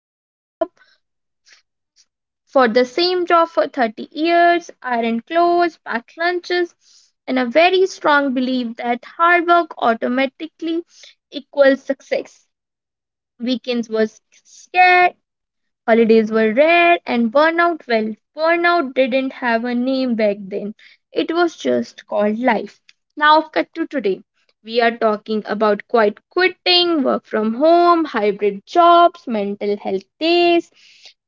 the job, for the same job for 30 years, iron clothes, packed lunches, and a very strong belief that hard work automatically equals success. Weekends were scared, holidays were rare and burnout, well, burnout didn't have a name back then. It was just called life. Now, cut to today. We are talking about quiet quitting, work from home, hybrid jobs, mental health days,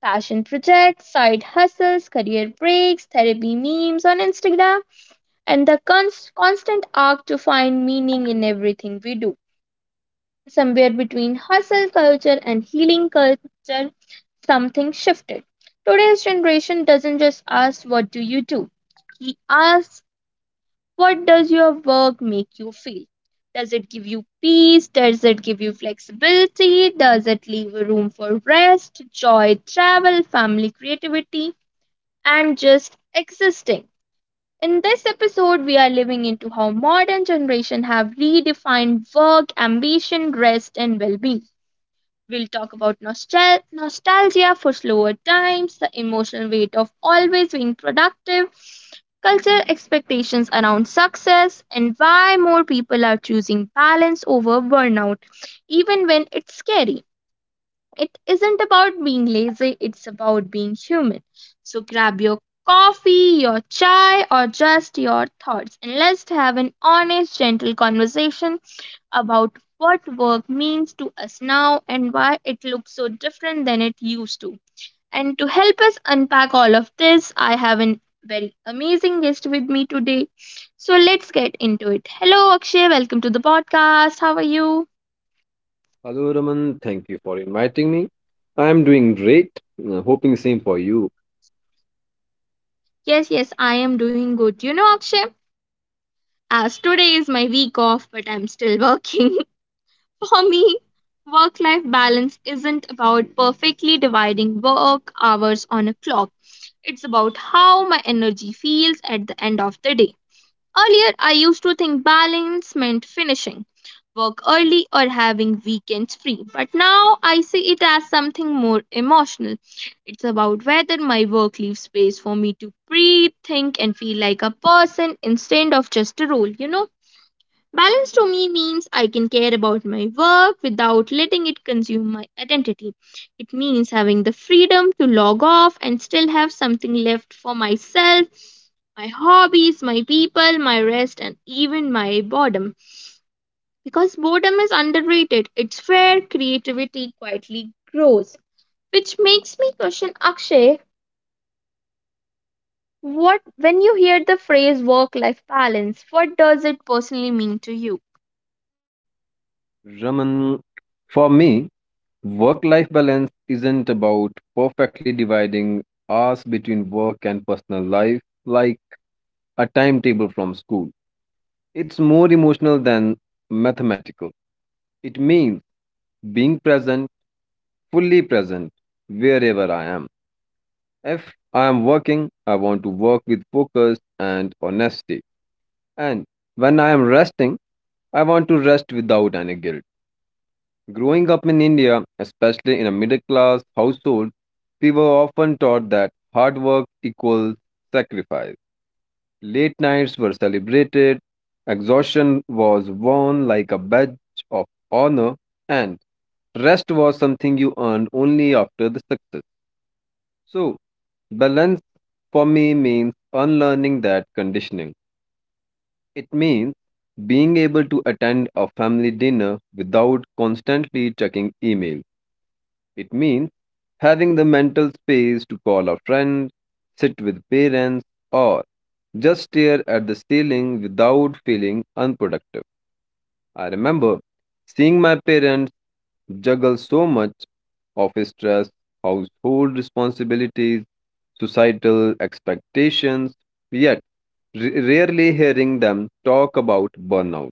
passion projects, side hustles, career breaks, therapy memes on Instagram, and the constant arc to find meaning in everything we do somewhere between hustle culture and healing culture, something shifted. Today's generation doesn't just ask, what do you do? He asks, what does your work make you feel? Does it give you peace? Does it give you flexibility? Does it leave room for rest, joy, travel, family, creativity, and just existing? In this episode, we are living into how modern generation have redefined work, ambition, rest, and well-being. We'll talk about nostalgia for slower times, the emotional weight of always being productive, culture expectations around success, and why more people are choosing balance over burnout, even when it's scary. It isn't about being lazy, it's about being human. So grab your coffee, your chai, or just your thoughts, and let's have an honest, gentle conversation about what work means to us now and why it looks so different than it used to. And to help us unpack all of this, I have a very amazing guest with me today. So let's get into it. Hello, Akshay. Welcome to the podcast. How are you? Hello, Raman. Thank you for inviting me. I am doing great. Hoping same for you. Yes, yes, I am doing good. You know, Akshay, as today is my week off, but I'm still working. For me, work life balance isn't about perfectly dividing work hours on a clock. It's about how my energy feels at the end of the day. Earlier, I used to think balance meant finishing work early or having weekends free, but now I see it as something more emotional. It's about whether my work leaves space for me to breathe, think, and feel like a person instead of just a role, you know. Balance to me means I can care about my work without letting it consume my identity. It means having the freedom to log off and still have something left for myself, my hobbies, my people, my rest, and even my boredom. Because boredom is underrated, it's where creativity quietly grows. Which makes me question Akshay, what when you hear the phrase work life balance, what does it personally mean to you? Raman, for me, work life balance isn't about perfectly dividing hours between work and personal life like a timetable from school. It's more emotional than mathematical. It means being present, fully present, wherever I am. If I am working, I want to work with focus and honesty. And when I am resting, I want to rest without any guilt. Growing up in India, especially in a middle class household, we were often taught that hard work equals sacrifice. Late nights were celebrated, exhaustion was worn like a badge of honor, and rest was something you earned only after the success. So, balance for me means unlearning that conditioning. It means being able to attend a family dinner without constantly checking email. It means having the mental space to call a friend, sit with parents, or just stare at the ceiling without feeling unproductive. I remember seeing my parents juggle so much office stress, household responsibilities, societal expectations, yet rarely hearing them talk about burnout.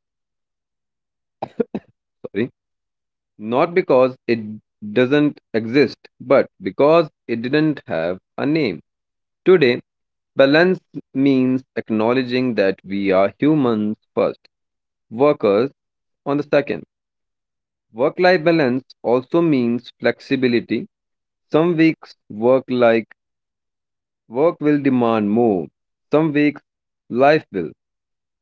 Sorry. Not because it doesn't exist, but because it didn't have a name. Today, balance means acknowledging that we are humans first, workers on the second. Work life balance also means flexibility. Some weeks work will demand more. Some weeks life will.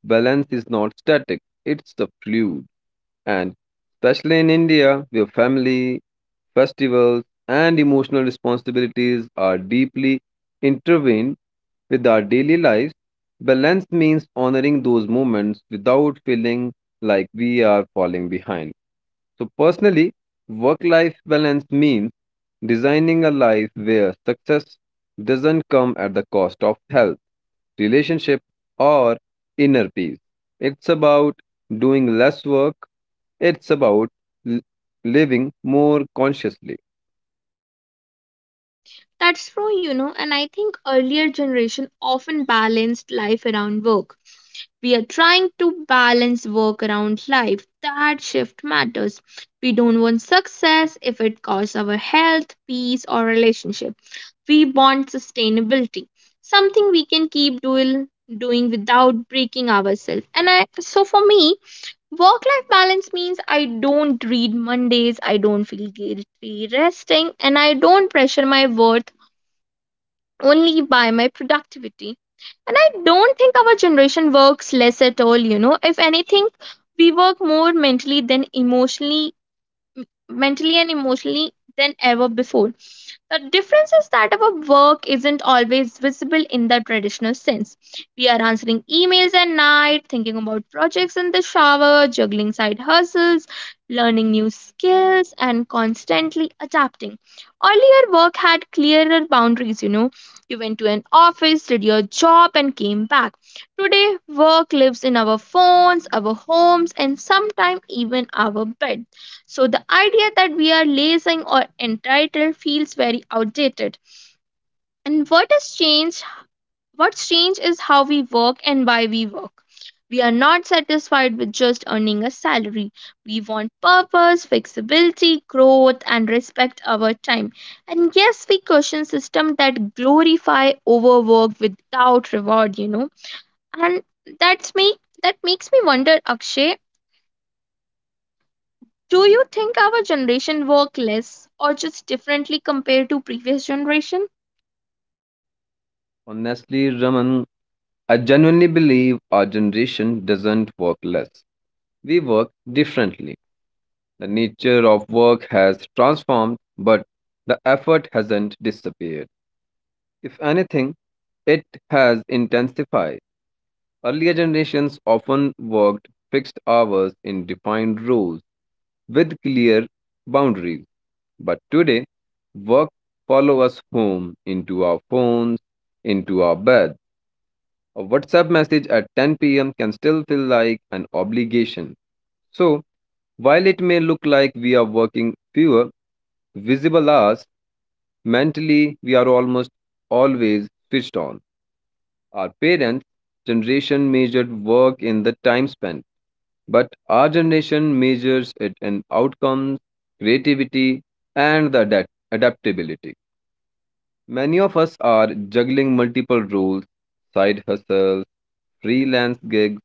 Balance is not static, it's the fluid. And especially in India, where family festivals, and emotional responsibilities are deeply intertwined with our daily lives. Balance means honoring those moments without feeling like we are falling behind. So, personally, work life balance means designing a life where success doesn't come at the cost of health, relationship, or inner peace. It's about doing less work, it's about living more consciously. That's true, you know, and I think earlier generation often balanced life around work. We are trying to balance work around life. That shift matters. We don't want success if it costs our health, peace, or relationship. We want sustainability, something we can keep doing without breaking ourselves. And I so for me, work life balance means I don't read Mondays, I don't feel guilty resting, and I don't pressure my worth only by my productivity. And I don't think our generation works less at all, you know. If anything, we work more mentally than emotionally m- mentally and emotionally than ever before. The difference is that our work isn't always visible in the traditional sense. We are answering emails at night, thinking about projects in the shower, juggling side hustles, learning new skills, and constantly adapting. Earlier, work had clearer boundaries, you know. You went to an office, did your job, and came back. Today, work lives in our phones, our homes, and sometimes even our bed. So the idea that we are lazy or entitled feels very outdated. And what has changed? What's changed is how we work and why we work. We are not satisfied with just earning a salary. We want purpose, flexibility, growth, and respect our time. And yes, we question systems that glorify overwork without reward, you know. And that's me That makes me wonder, Akshay, do you think our generation work less or just differently compared to previous generation? Honestly, Raman, I genuinely believe our generation doesn't work less. We work differently. The nature of work has transformed, but the effort hasn't disappeared. If anything, it has intensified. Earlier generations often worked fixed hours in defined roles with clear boundaries. But today, work follow us home into our phones, into our bed. A WhatsApp message at 10 p.m. can still feel like an obligation. So, while it may look like we are working fewer visible hours, mentally we are almost always switched on. Our parents' generation measured work in the time spent, but our generation measures it in outcomes, creativity, and the adaptability. Many of us are juggling multiple roles side hustles, freelance gigs,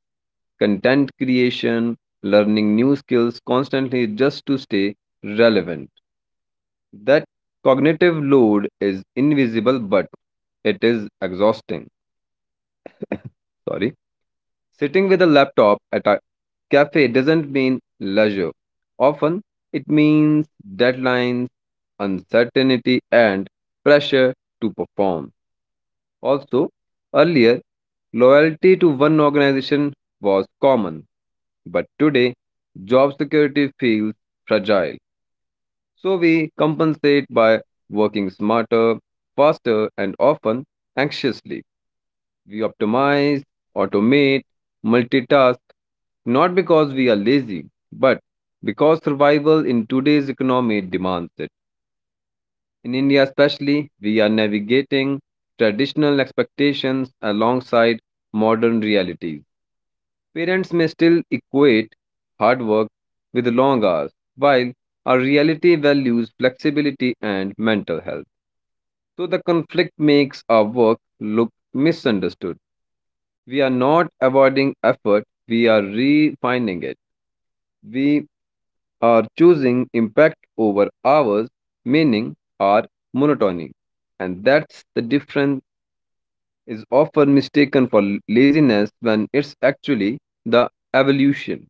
content creation, learning new skills constantly just to stay relevant. That cognitive load is invisible but it is exhausting. Sorry. Sitting with a laptop at a cafe doesn't mean leisure. Often, it means deadlines, uncertainty, and pressure to perform. Also, earlier, loyalty to one organization was common, but today, job security feels fragile. So, we compensate by working smarter, faster, and often anxiously. We optimize, automate, multitask, not because we are lazy, but because survival in today's economy demands it. In India, especially, we are navigating traditional expectations alongside modern realities. Parents may still equate hard work with long hours, while our reality values flexibility and mental health. So the conflict makes our work look misunderstood. We are not avoiding effort, we are refining it. We are choosing impact over hours, meaning or monotony. And that's the difference is often mistaken for laziness when it's actually the evolution.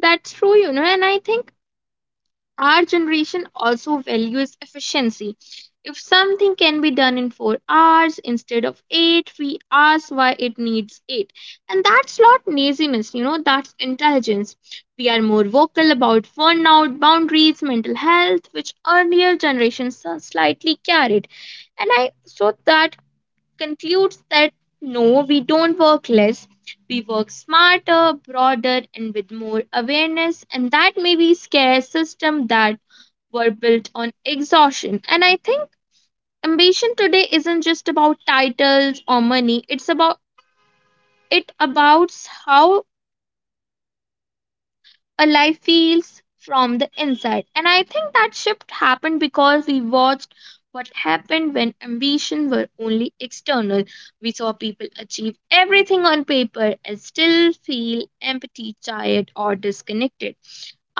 That's true, you know, and I think our generation also values efficiency. If something can be done in 4 hours instead of eight, we ask why it needs eight. And that's not laziness, you know, that's intelligence. We are more vocal about burnout, boundaries, mental health, which earlier generations slightly carried. And I so that concludes that no, we don't work less. We work smarter, broader, and with more awareness. And that may be scare system that were built on exhaustion. And I think ambition today isn't just about titles or money. It's about how a life feels from the inside. And I think that shift happened because we watched what happened when ambition were only external. We saw people achieve everything on paper and still feel empty, tired, or disconnected.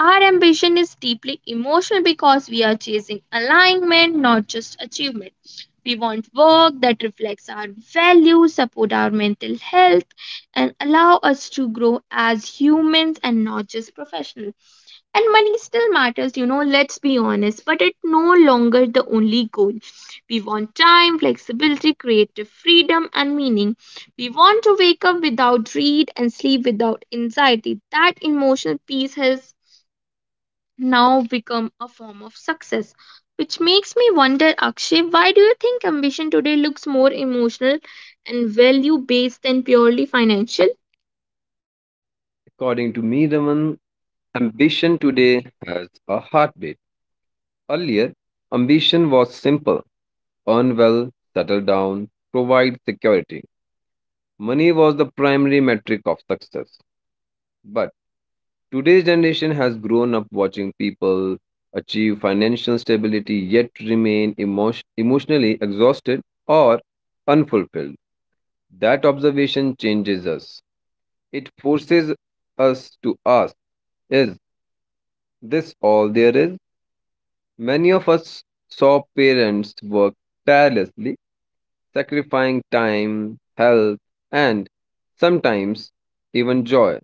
Our ambition is deeply emotional because we are chasing alignment, not just achievement. We want work that reflects our values, support our mental health, and allow us to grow as humans and not just professionals. And money still matters, you know, let's be honest, but it's no longer the only goal. We want time, flexibility, creative freedom, and meaning. We want to wake up without dread and sleep without anxiety. That emotional peace has now become a form of success. Which makes me wonder, Akshay, why do you think ambition today looks more emotional and value based than purely financial? According to me, Raman, ambition today has a heartbeat. Earlier, ambition was simple earn well, settle down, provide security. Money was the primary metric of success. But today's generation has grown up watching people achieve financial stability yet remain emotionally exhausted or unfulfilled. That observation changes us. It forces us to ask, is this all there is? Many of us saw parents work tirelessly, sacrificing time, health, and sometimes even joy.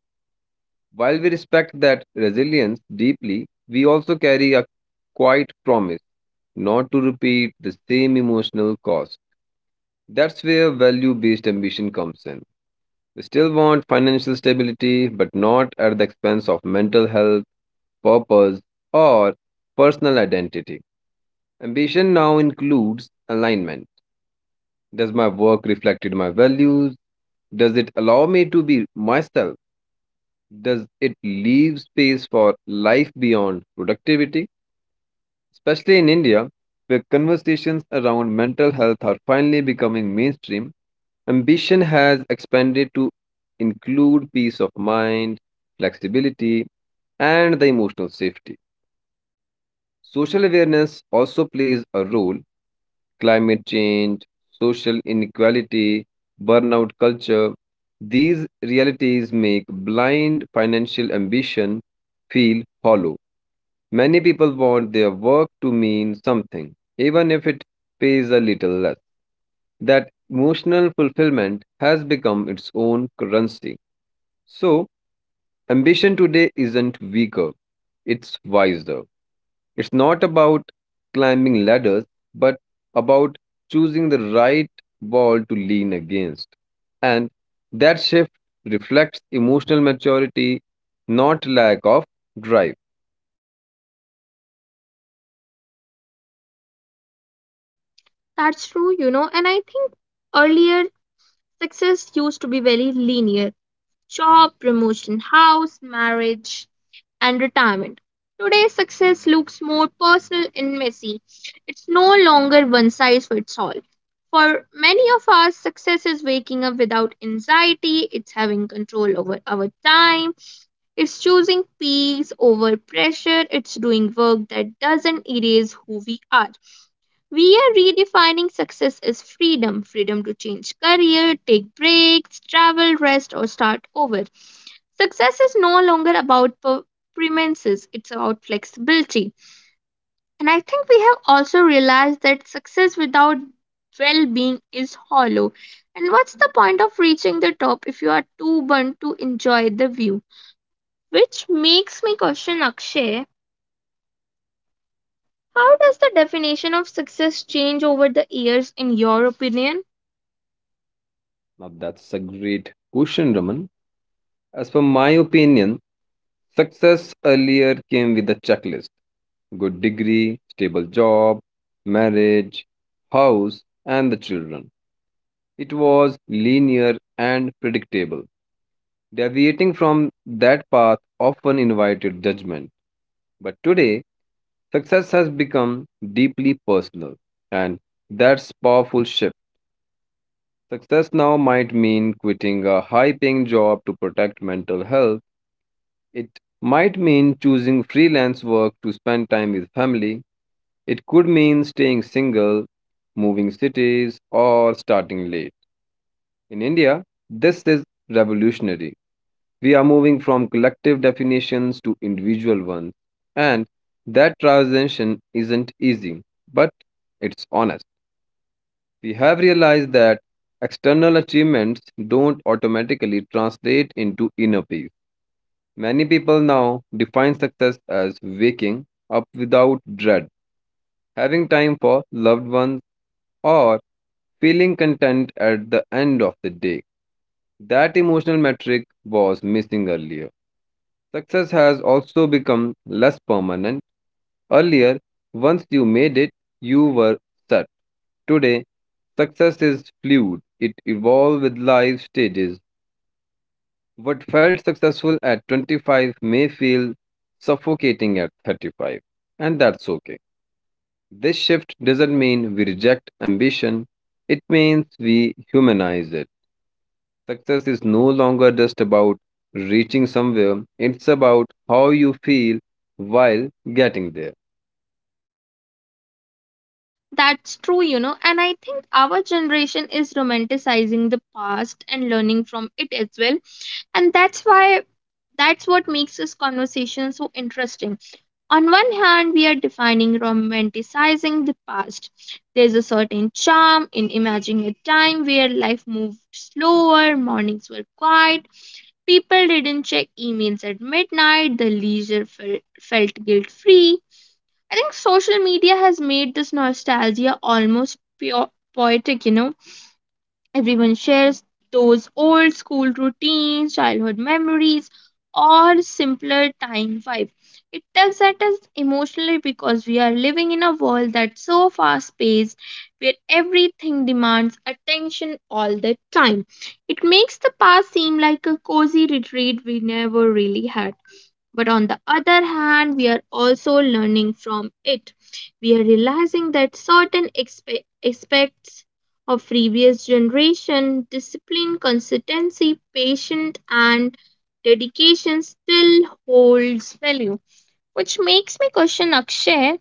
While we respect that resilience deeply, we also carry a quiet promise not to repeat the same emotional cost. That's where value based ambition comes in. We still want financial stability, but not at the expense of mental health, purpose, or personal identity. Ambition now includes alignment. Does my work reflect my values? Does it allow me to be myself? Does it leave space for life beyond productivity? Especially in India, where conversations around mental health are finally becoming mainstream, ambition has expanded to include peace of mind, flexibility, and the emotional safety. Social awareness also plays a role. Climate change, social inequality, burnout culture, these realities make blind financial ambition feel hollow. Many people want their work to mean something, even if it pays a little less. That emotional fulfillment has become its own currency. So, ambition today isn't weaker, it's wiser. It's not about climbing ladders, but about choosing the right wall to lean against. And that shift reflects emotional maturity, not lack of drive. That's true, you know, and I think earlier success used to be very linear job, promotion, house, marriage, and retirement. Today, success looks more personal and messy. It's no longer one size fits all. For many of us, success is waking up without anxiety, it's having control over our time, it's choosing peace over pressure, it's doing work that doesn't erase who we are. We are redefining success as freedom to change career, take breaks, travel, rest, or start over. Success is no longer about premises, it's about flexibility. And I think we have also realized that success without well being is hollow. And what's the point of reaching the top if you are too burnt to enjoy the view? Which makes me question Akshay, how does the definition of success change over the years, in your opinion? Now, that's a great question, Raman. As per my opinion, success earlier came with a checklist good degree, stable job, marriage, house, and the children. It was linear and predictable. Deviating from that path often invited judgment. But today, success has become deeply personal, and that's powerful shift. Success now might mean quitting a high paying job to protect mental health. It might mean choosing freelance work to spend time with family. It could mean staying single, moving cities, or starting late. In India, this is revolutionary. We are moving from collective definitions to individual ones. And that transition isn't easy, but it's honest. We have realized that external achievements don't automatically translate into inner peace. Many people now define success as waking up without dread, having time for loved ones, or feeling content at the end of the day. That emotional metric was missing earlier. Success has also become less permanent. Earlier, once you made it, you were set. Today, success is fluid, it evolves with life stages. What felt successful at 25 may feel suffocating at 35, and that's okay. This shift doesn't mean we reject ambition, it means we humanize it. Success is no longer just about reaching somewhere, it's about how you feel while getting there. That's true, you know, and I think our generation is romanticizing the past and learning from it as well. And that's why That's what makes this conversation so interesting. On one hand, we are defining romanticizing the past. There's a certain charm in imagining a time where life moved slower, mornings were quiet, people didn't check emails at midnight, the leisure felt, felt guilt free. I think social media has made this nostalgia almost pure poetic, you know. Everyone shares those old school routines, childhood memories, or simpler time vibe. It tugs at us emotionally because we are living in a world that's so fast paced, where everything demands attention all the time. It makes the past seem like a cozy retreat we never really had. But on the other hand, we are also learning from it. We are realizing that certain aspects of previous generation discipline, consistency, patience, and dedication still holds value. Which makes me question Akshay.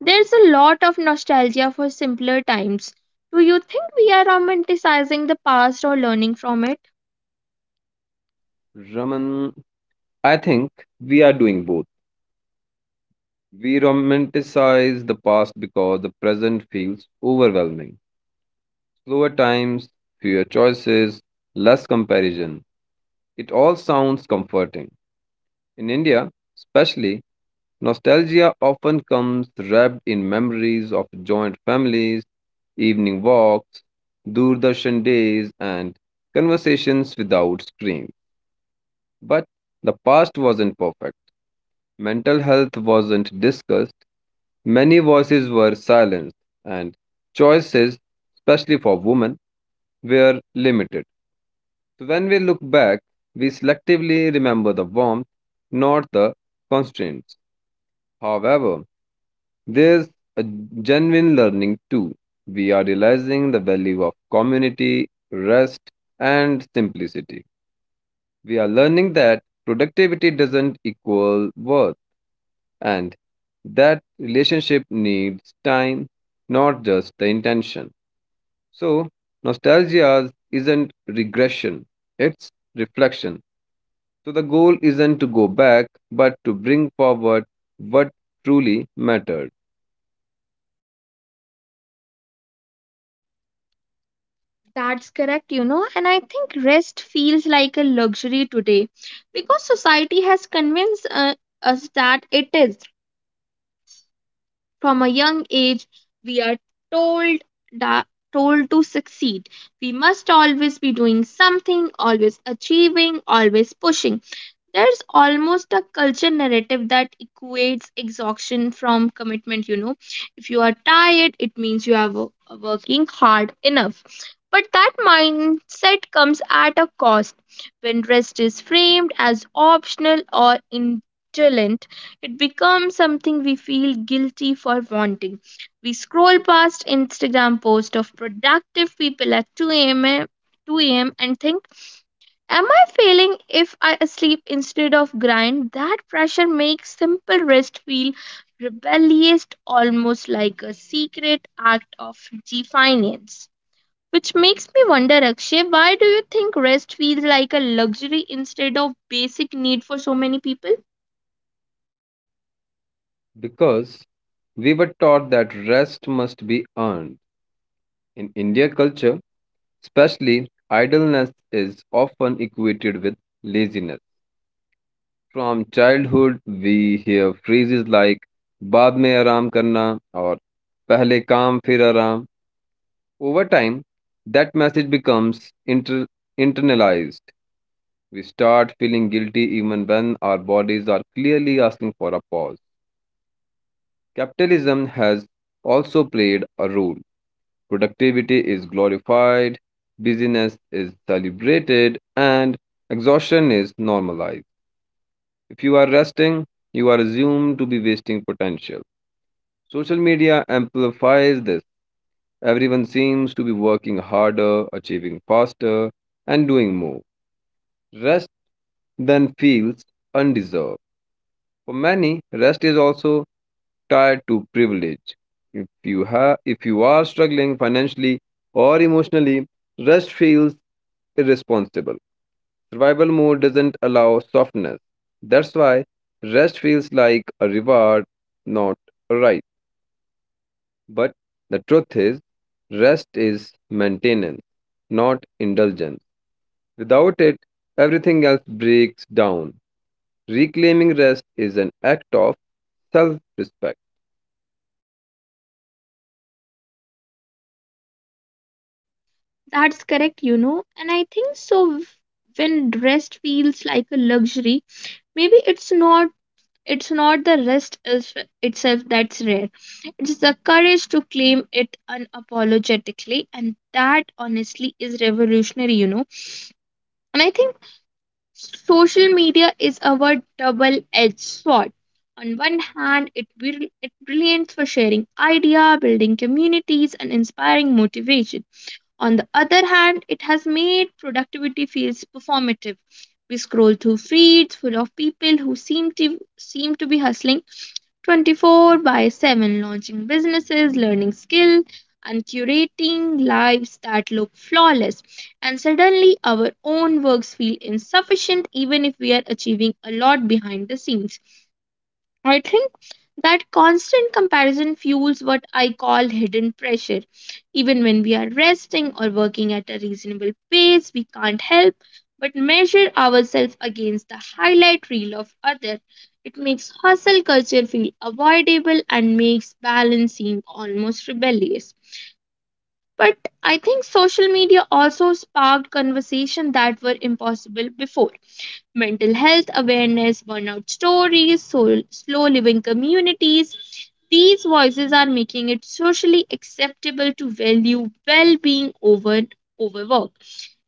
There's a lot of nostalgia for simpler times. Do you think we are romanticizing the past or learning from it? Raman, I think we are doing both. We romanticize the past because the present feels overwhelming. Slower times, fewer choices, less comparison. It all sounds comforting. In India, especially, nostalgia often comes wrapped in memories of joint families, evening walks, Doordarshan days, and conversations without screens. But the past wasn't perfect. Mental health wasn't discussed. Many voices were silenced, and choices, especially for women, were limited. So when we look back, we selectively remember the warmth, not the constraints. However, there's a genuine learning too. We are realizing the value of community, rest, and simplicity. We are learning that productivity doesn't equal worth and that relationship needs time, not just the intention. So, nostalgia isn't regression, it's reflection. So, the goal isn't to go back, but to bring forward what truly mattered. That's correct, you know, and I think rest feels like a luxury today because society has convinced us that it is. From a young age, we are told that told to succeed. We must always be doing something, always achieving, always pushing. There's almost a culture narrative that equates exhaustion from commitment. You know, if you are tired, it means you are working hard enough. But that mindset comes at a cost. When rest is framed as optional or indolent, it becomes something we feel guilty for wanting. We scroll past Instagram posts of productive people at 2 a.m. and think am I failing if I sleep instead of grind? That pressure makes simple rest feel rebellious, almost like a secret act of defiance. Which makes me wonder, Akshay, why do you think rest feels like a luxury instead of basic need for so many people? Because we were taught that rest must be earned. In India culture, especially, idleness is often equated with laziness. From childhood, we hear phrases like बाद में आराम करना और पहले काम फिर आराम. Over time, that message becomes internalized. We start feeling guilty even when our bodies are clearly asking for a pause. Capitalism has also played a role. Productivity is glorified, busyness is celebrated, and exhaustion is normalized. If you are resting, you are assumed to be wasting potential. Social media amplifies this. Everyone seems to be working harder, achieving faster, and doing more. Rest then feels undeserved. For many, rest is also tied to privilege. If you are struggling financially or emotionally, rest feels irresponsible. Survival mode doesn't allow softness. That's why rest feels like a reward, not a right. But the truth is, rest is maintenance, not indulgence. Without it, everything else breaks down. Reclaiming rest is an act of self respect. That's correct, you know, and I think so. When rest feels like a luxury, maybe it's not the rest itself that's rare. It's the courage to claim it unapologetically, and that honestly is revolutionary, you know. And I think social media is our double edged sword. On one hand, it, will it brilliant for sharing idea, building communities, and inspiring motivation. On the other hand, it has made productivity feels performative. We scroll through feeds full of people who seem to be hustling 24/7, launching businesses, learning skill, and curating lives that look flawless. And suddenly, our own works feel insufficient, even if we are achieving a lot behind the scenes. I think that constant comparison fuels what I call hidden pressure. Even when we are resting or working at a reasonable pace, we can't help but measure ourselves against the highlight reel of others. It makes hustle culture feel avoidable and makes balance seem almost rebellious. But I think social media also sparked conversations that were impossible before mental health awareness, burnout stories, slow living communities. These voices are making it socially acceptable to value well being over overwork.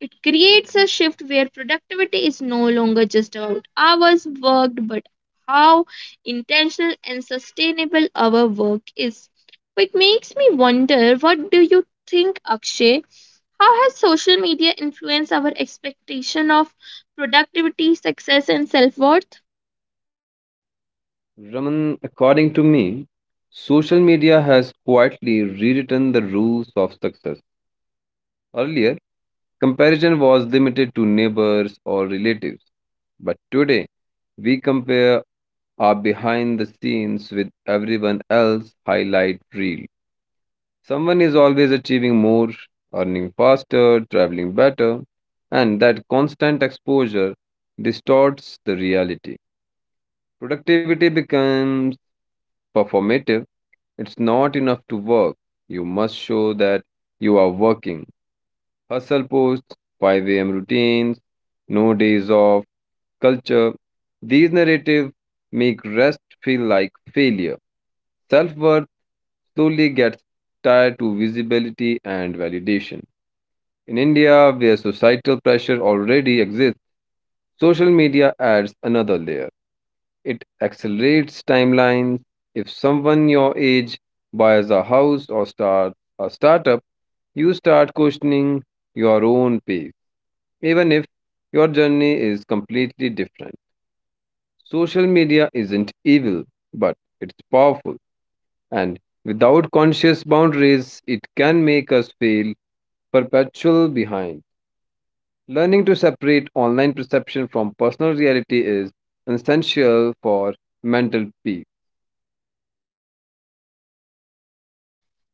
It creates a shift where productivity is no longer just about hours worked, but how intentional and sustainable our work is. Which makes me wonder, what do you think, Akshay? How has social media influenced our expectation of productivity, success, and self worth? Raman, according to me, social media has quietly rewritten the rules of success. Earlier, comparison was limited to neighbors or relatives. But today, we compare our behind the scenes with everyone else's highlight reel. Someone is always achieving more, earning faster, traveling better, and that constant exposure distorts the reality. Productivity becomes performative. It's not enough to work. You must show that you are working. Hustle posts, 5 a.m. routines, no days off, culture. These narratives make rest feel like failure. Self worth slowly gets tied to visibility and validation. In India, where societal pressure already exists, social media adds another layer. It accelerates timelines. If someone your age buys a house or starts a startup, you start questioning your own pace, even if your journey is completely different. Social media isn't evil, but it's powerful, and without conscious boundaries, it can make us feel perpetual behind. Learning to separate online perception from personal reality is essential for mental peace.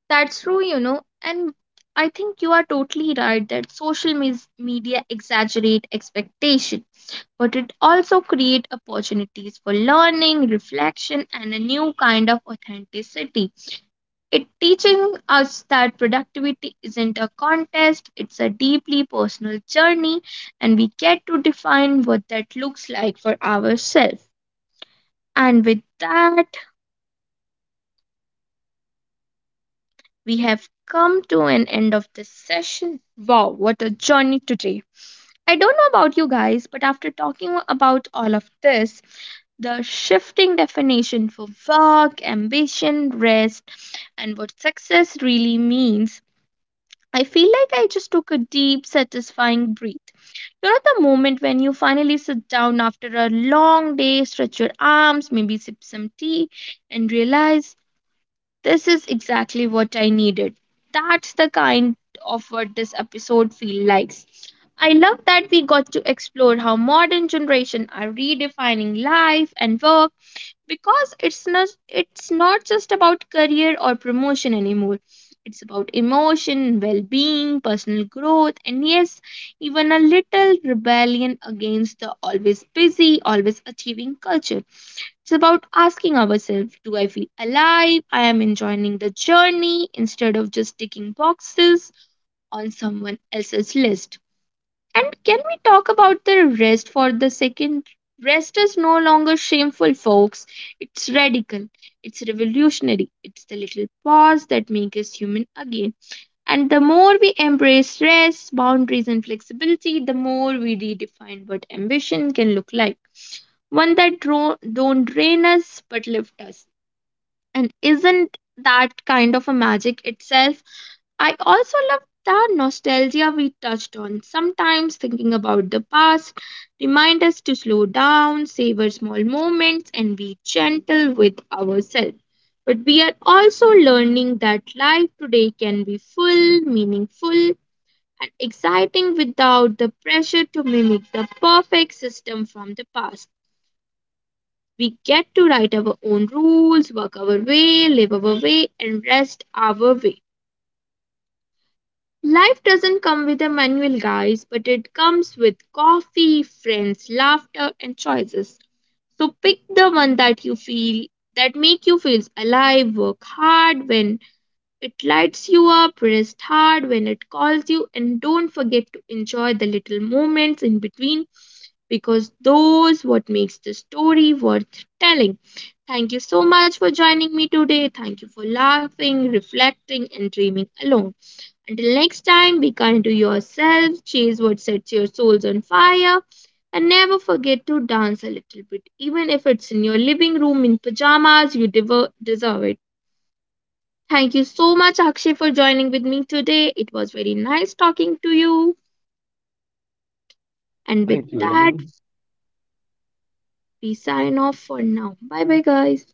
That's true, you know, and I think you are totally right that social media exaggerate expectation, but it also creates opportunities for learning, reflection, and a new kind of authenticity. It teaching us that productivity isn't a contest, it's a deeply personal journey, and we get to define what that looks like for ourselves. And with that, we have come to an end of this session. Wow, what a journey today! I don't know about you guys, but after talking about all of this, the shifting definition for work, ambition, rest, and what success really means, I feel like I just took a deep, satisfying breath. You know, the moment when you finally sit down after a long day, stretch your arms, maybe sip some tea, and realize this is exactly what I needed. That's the kind of what this episode feels like. I love that we got to explore how modern generation are redefining life and work, because it's not just about career or promotion anymore. It's about emotion, well-being, personal growth, and yes, even a little rebellion against the always busy, always achieving culture. It's about asking ourselves, do I feel alive? I am enjoying the journey instead of just ticking boxes on someone else's list. And can we talk about the rest for the second? Rest is no longer shameful, folks. It's radical. It's revolutionary. It's the little pause that makes us human again. And the more we embrace rest, boundaries, and flexibility, the more we redefine what ambition can look like. One that don't drain us but lift us. And isn't that kind of a magic itself? I also love the nostalgia we touched on. Sometimes thinking about the past reminds us to slow down, savor small moments, and be gentle with ourselves. But we are also learning that life today can be full, meaningful, and exciting without the pressure to mimic the perfect system from the past. We get to write our own rules, work our way, live our way, and rest our way. Life doesn't come with a manual, guys, but it comes with coffee, friends, laughter, and choices. So pick the one that you feel, that make you feel alive. Work hard when it lights you up, rest hard when it calls you, and don't forget to enjoy the little moments in between, because those what makes the story worth telling. Thank you so much for joining me today. Thank you for laughing, reflecting, and dreaming along. Until next time, be kind to yourself, chase what sets your souls on fire, and never forget to dance a little bit. Even if it's in your living room in pajamas, you deserve it. Thank you so much, Akshay, for joining with me today. It was very nice talking to you. And with Thank you, that, Ramana. we sign off for now. Bye bye, guys.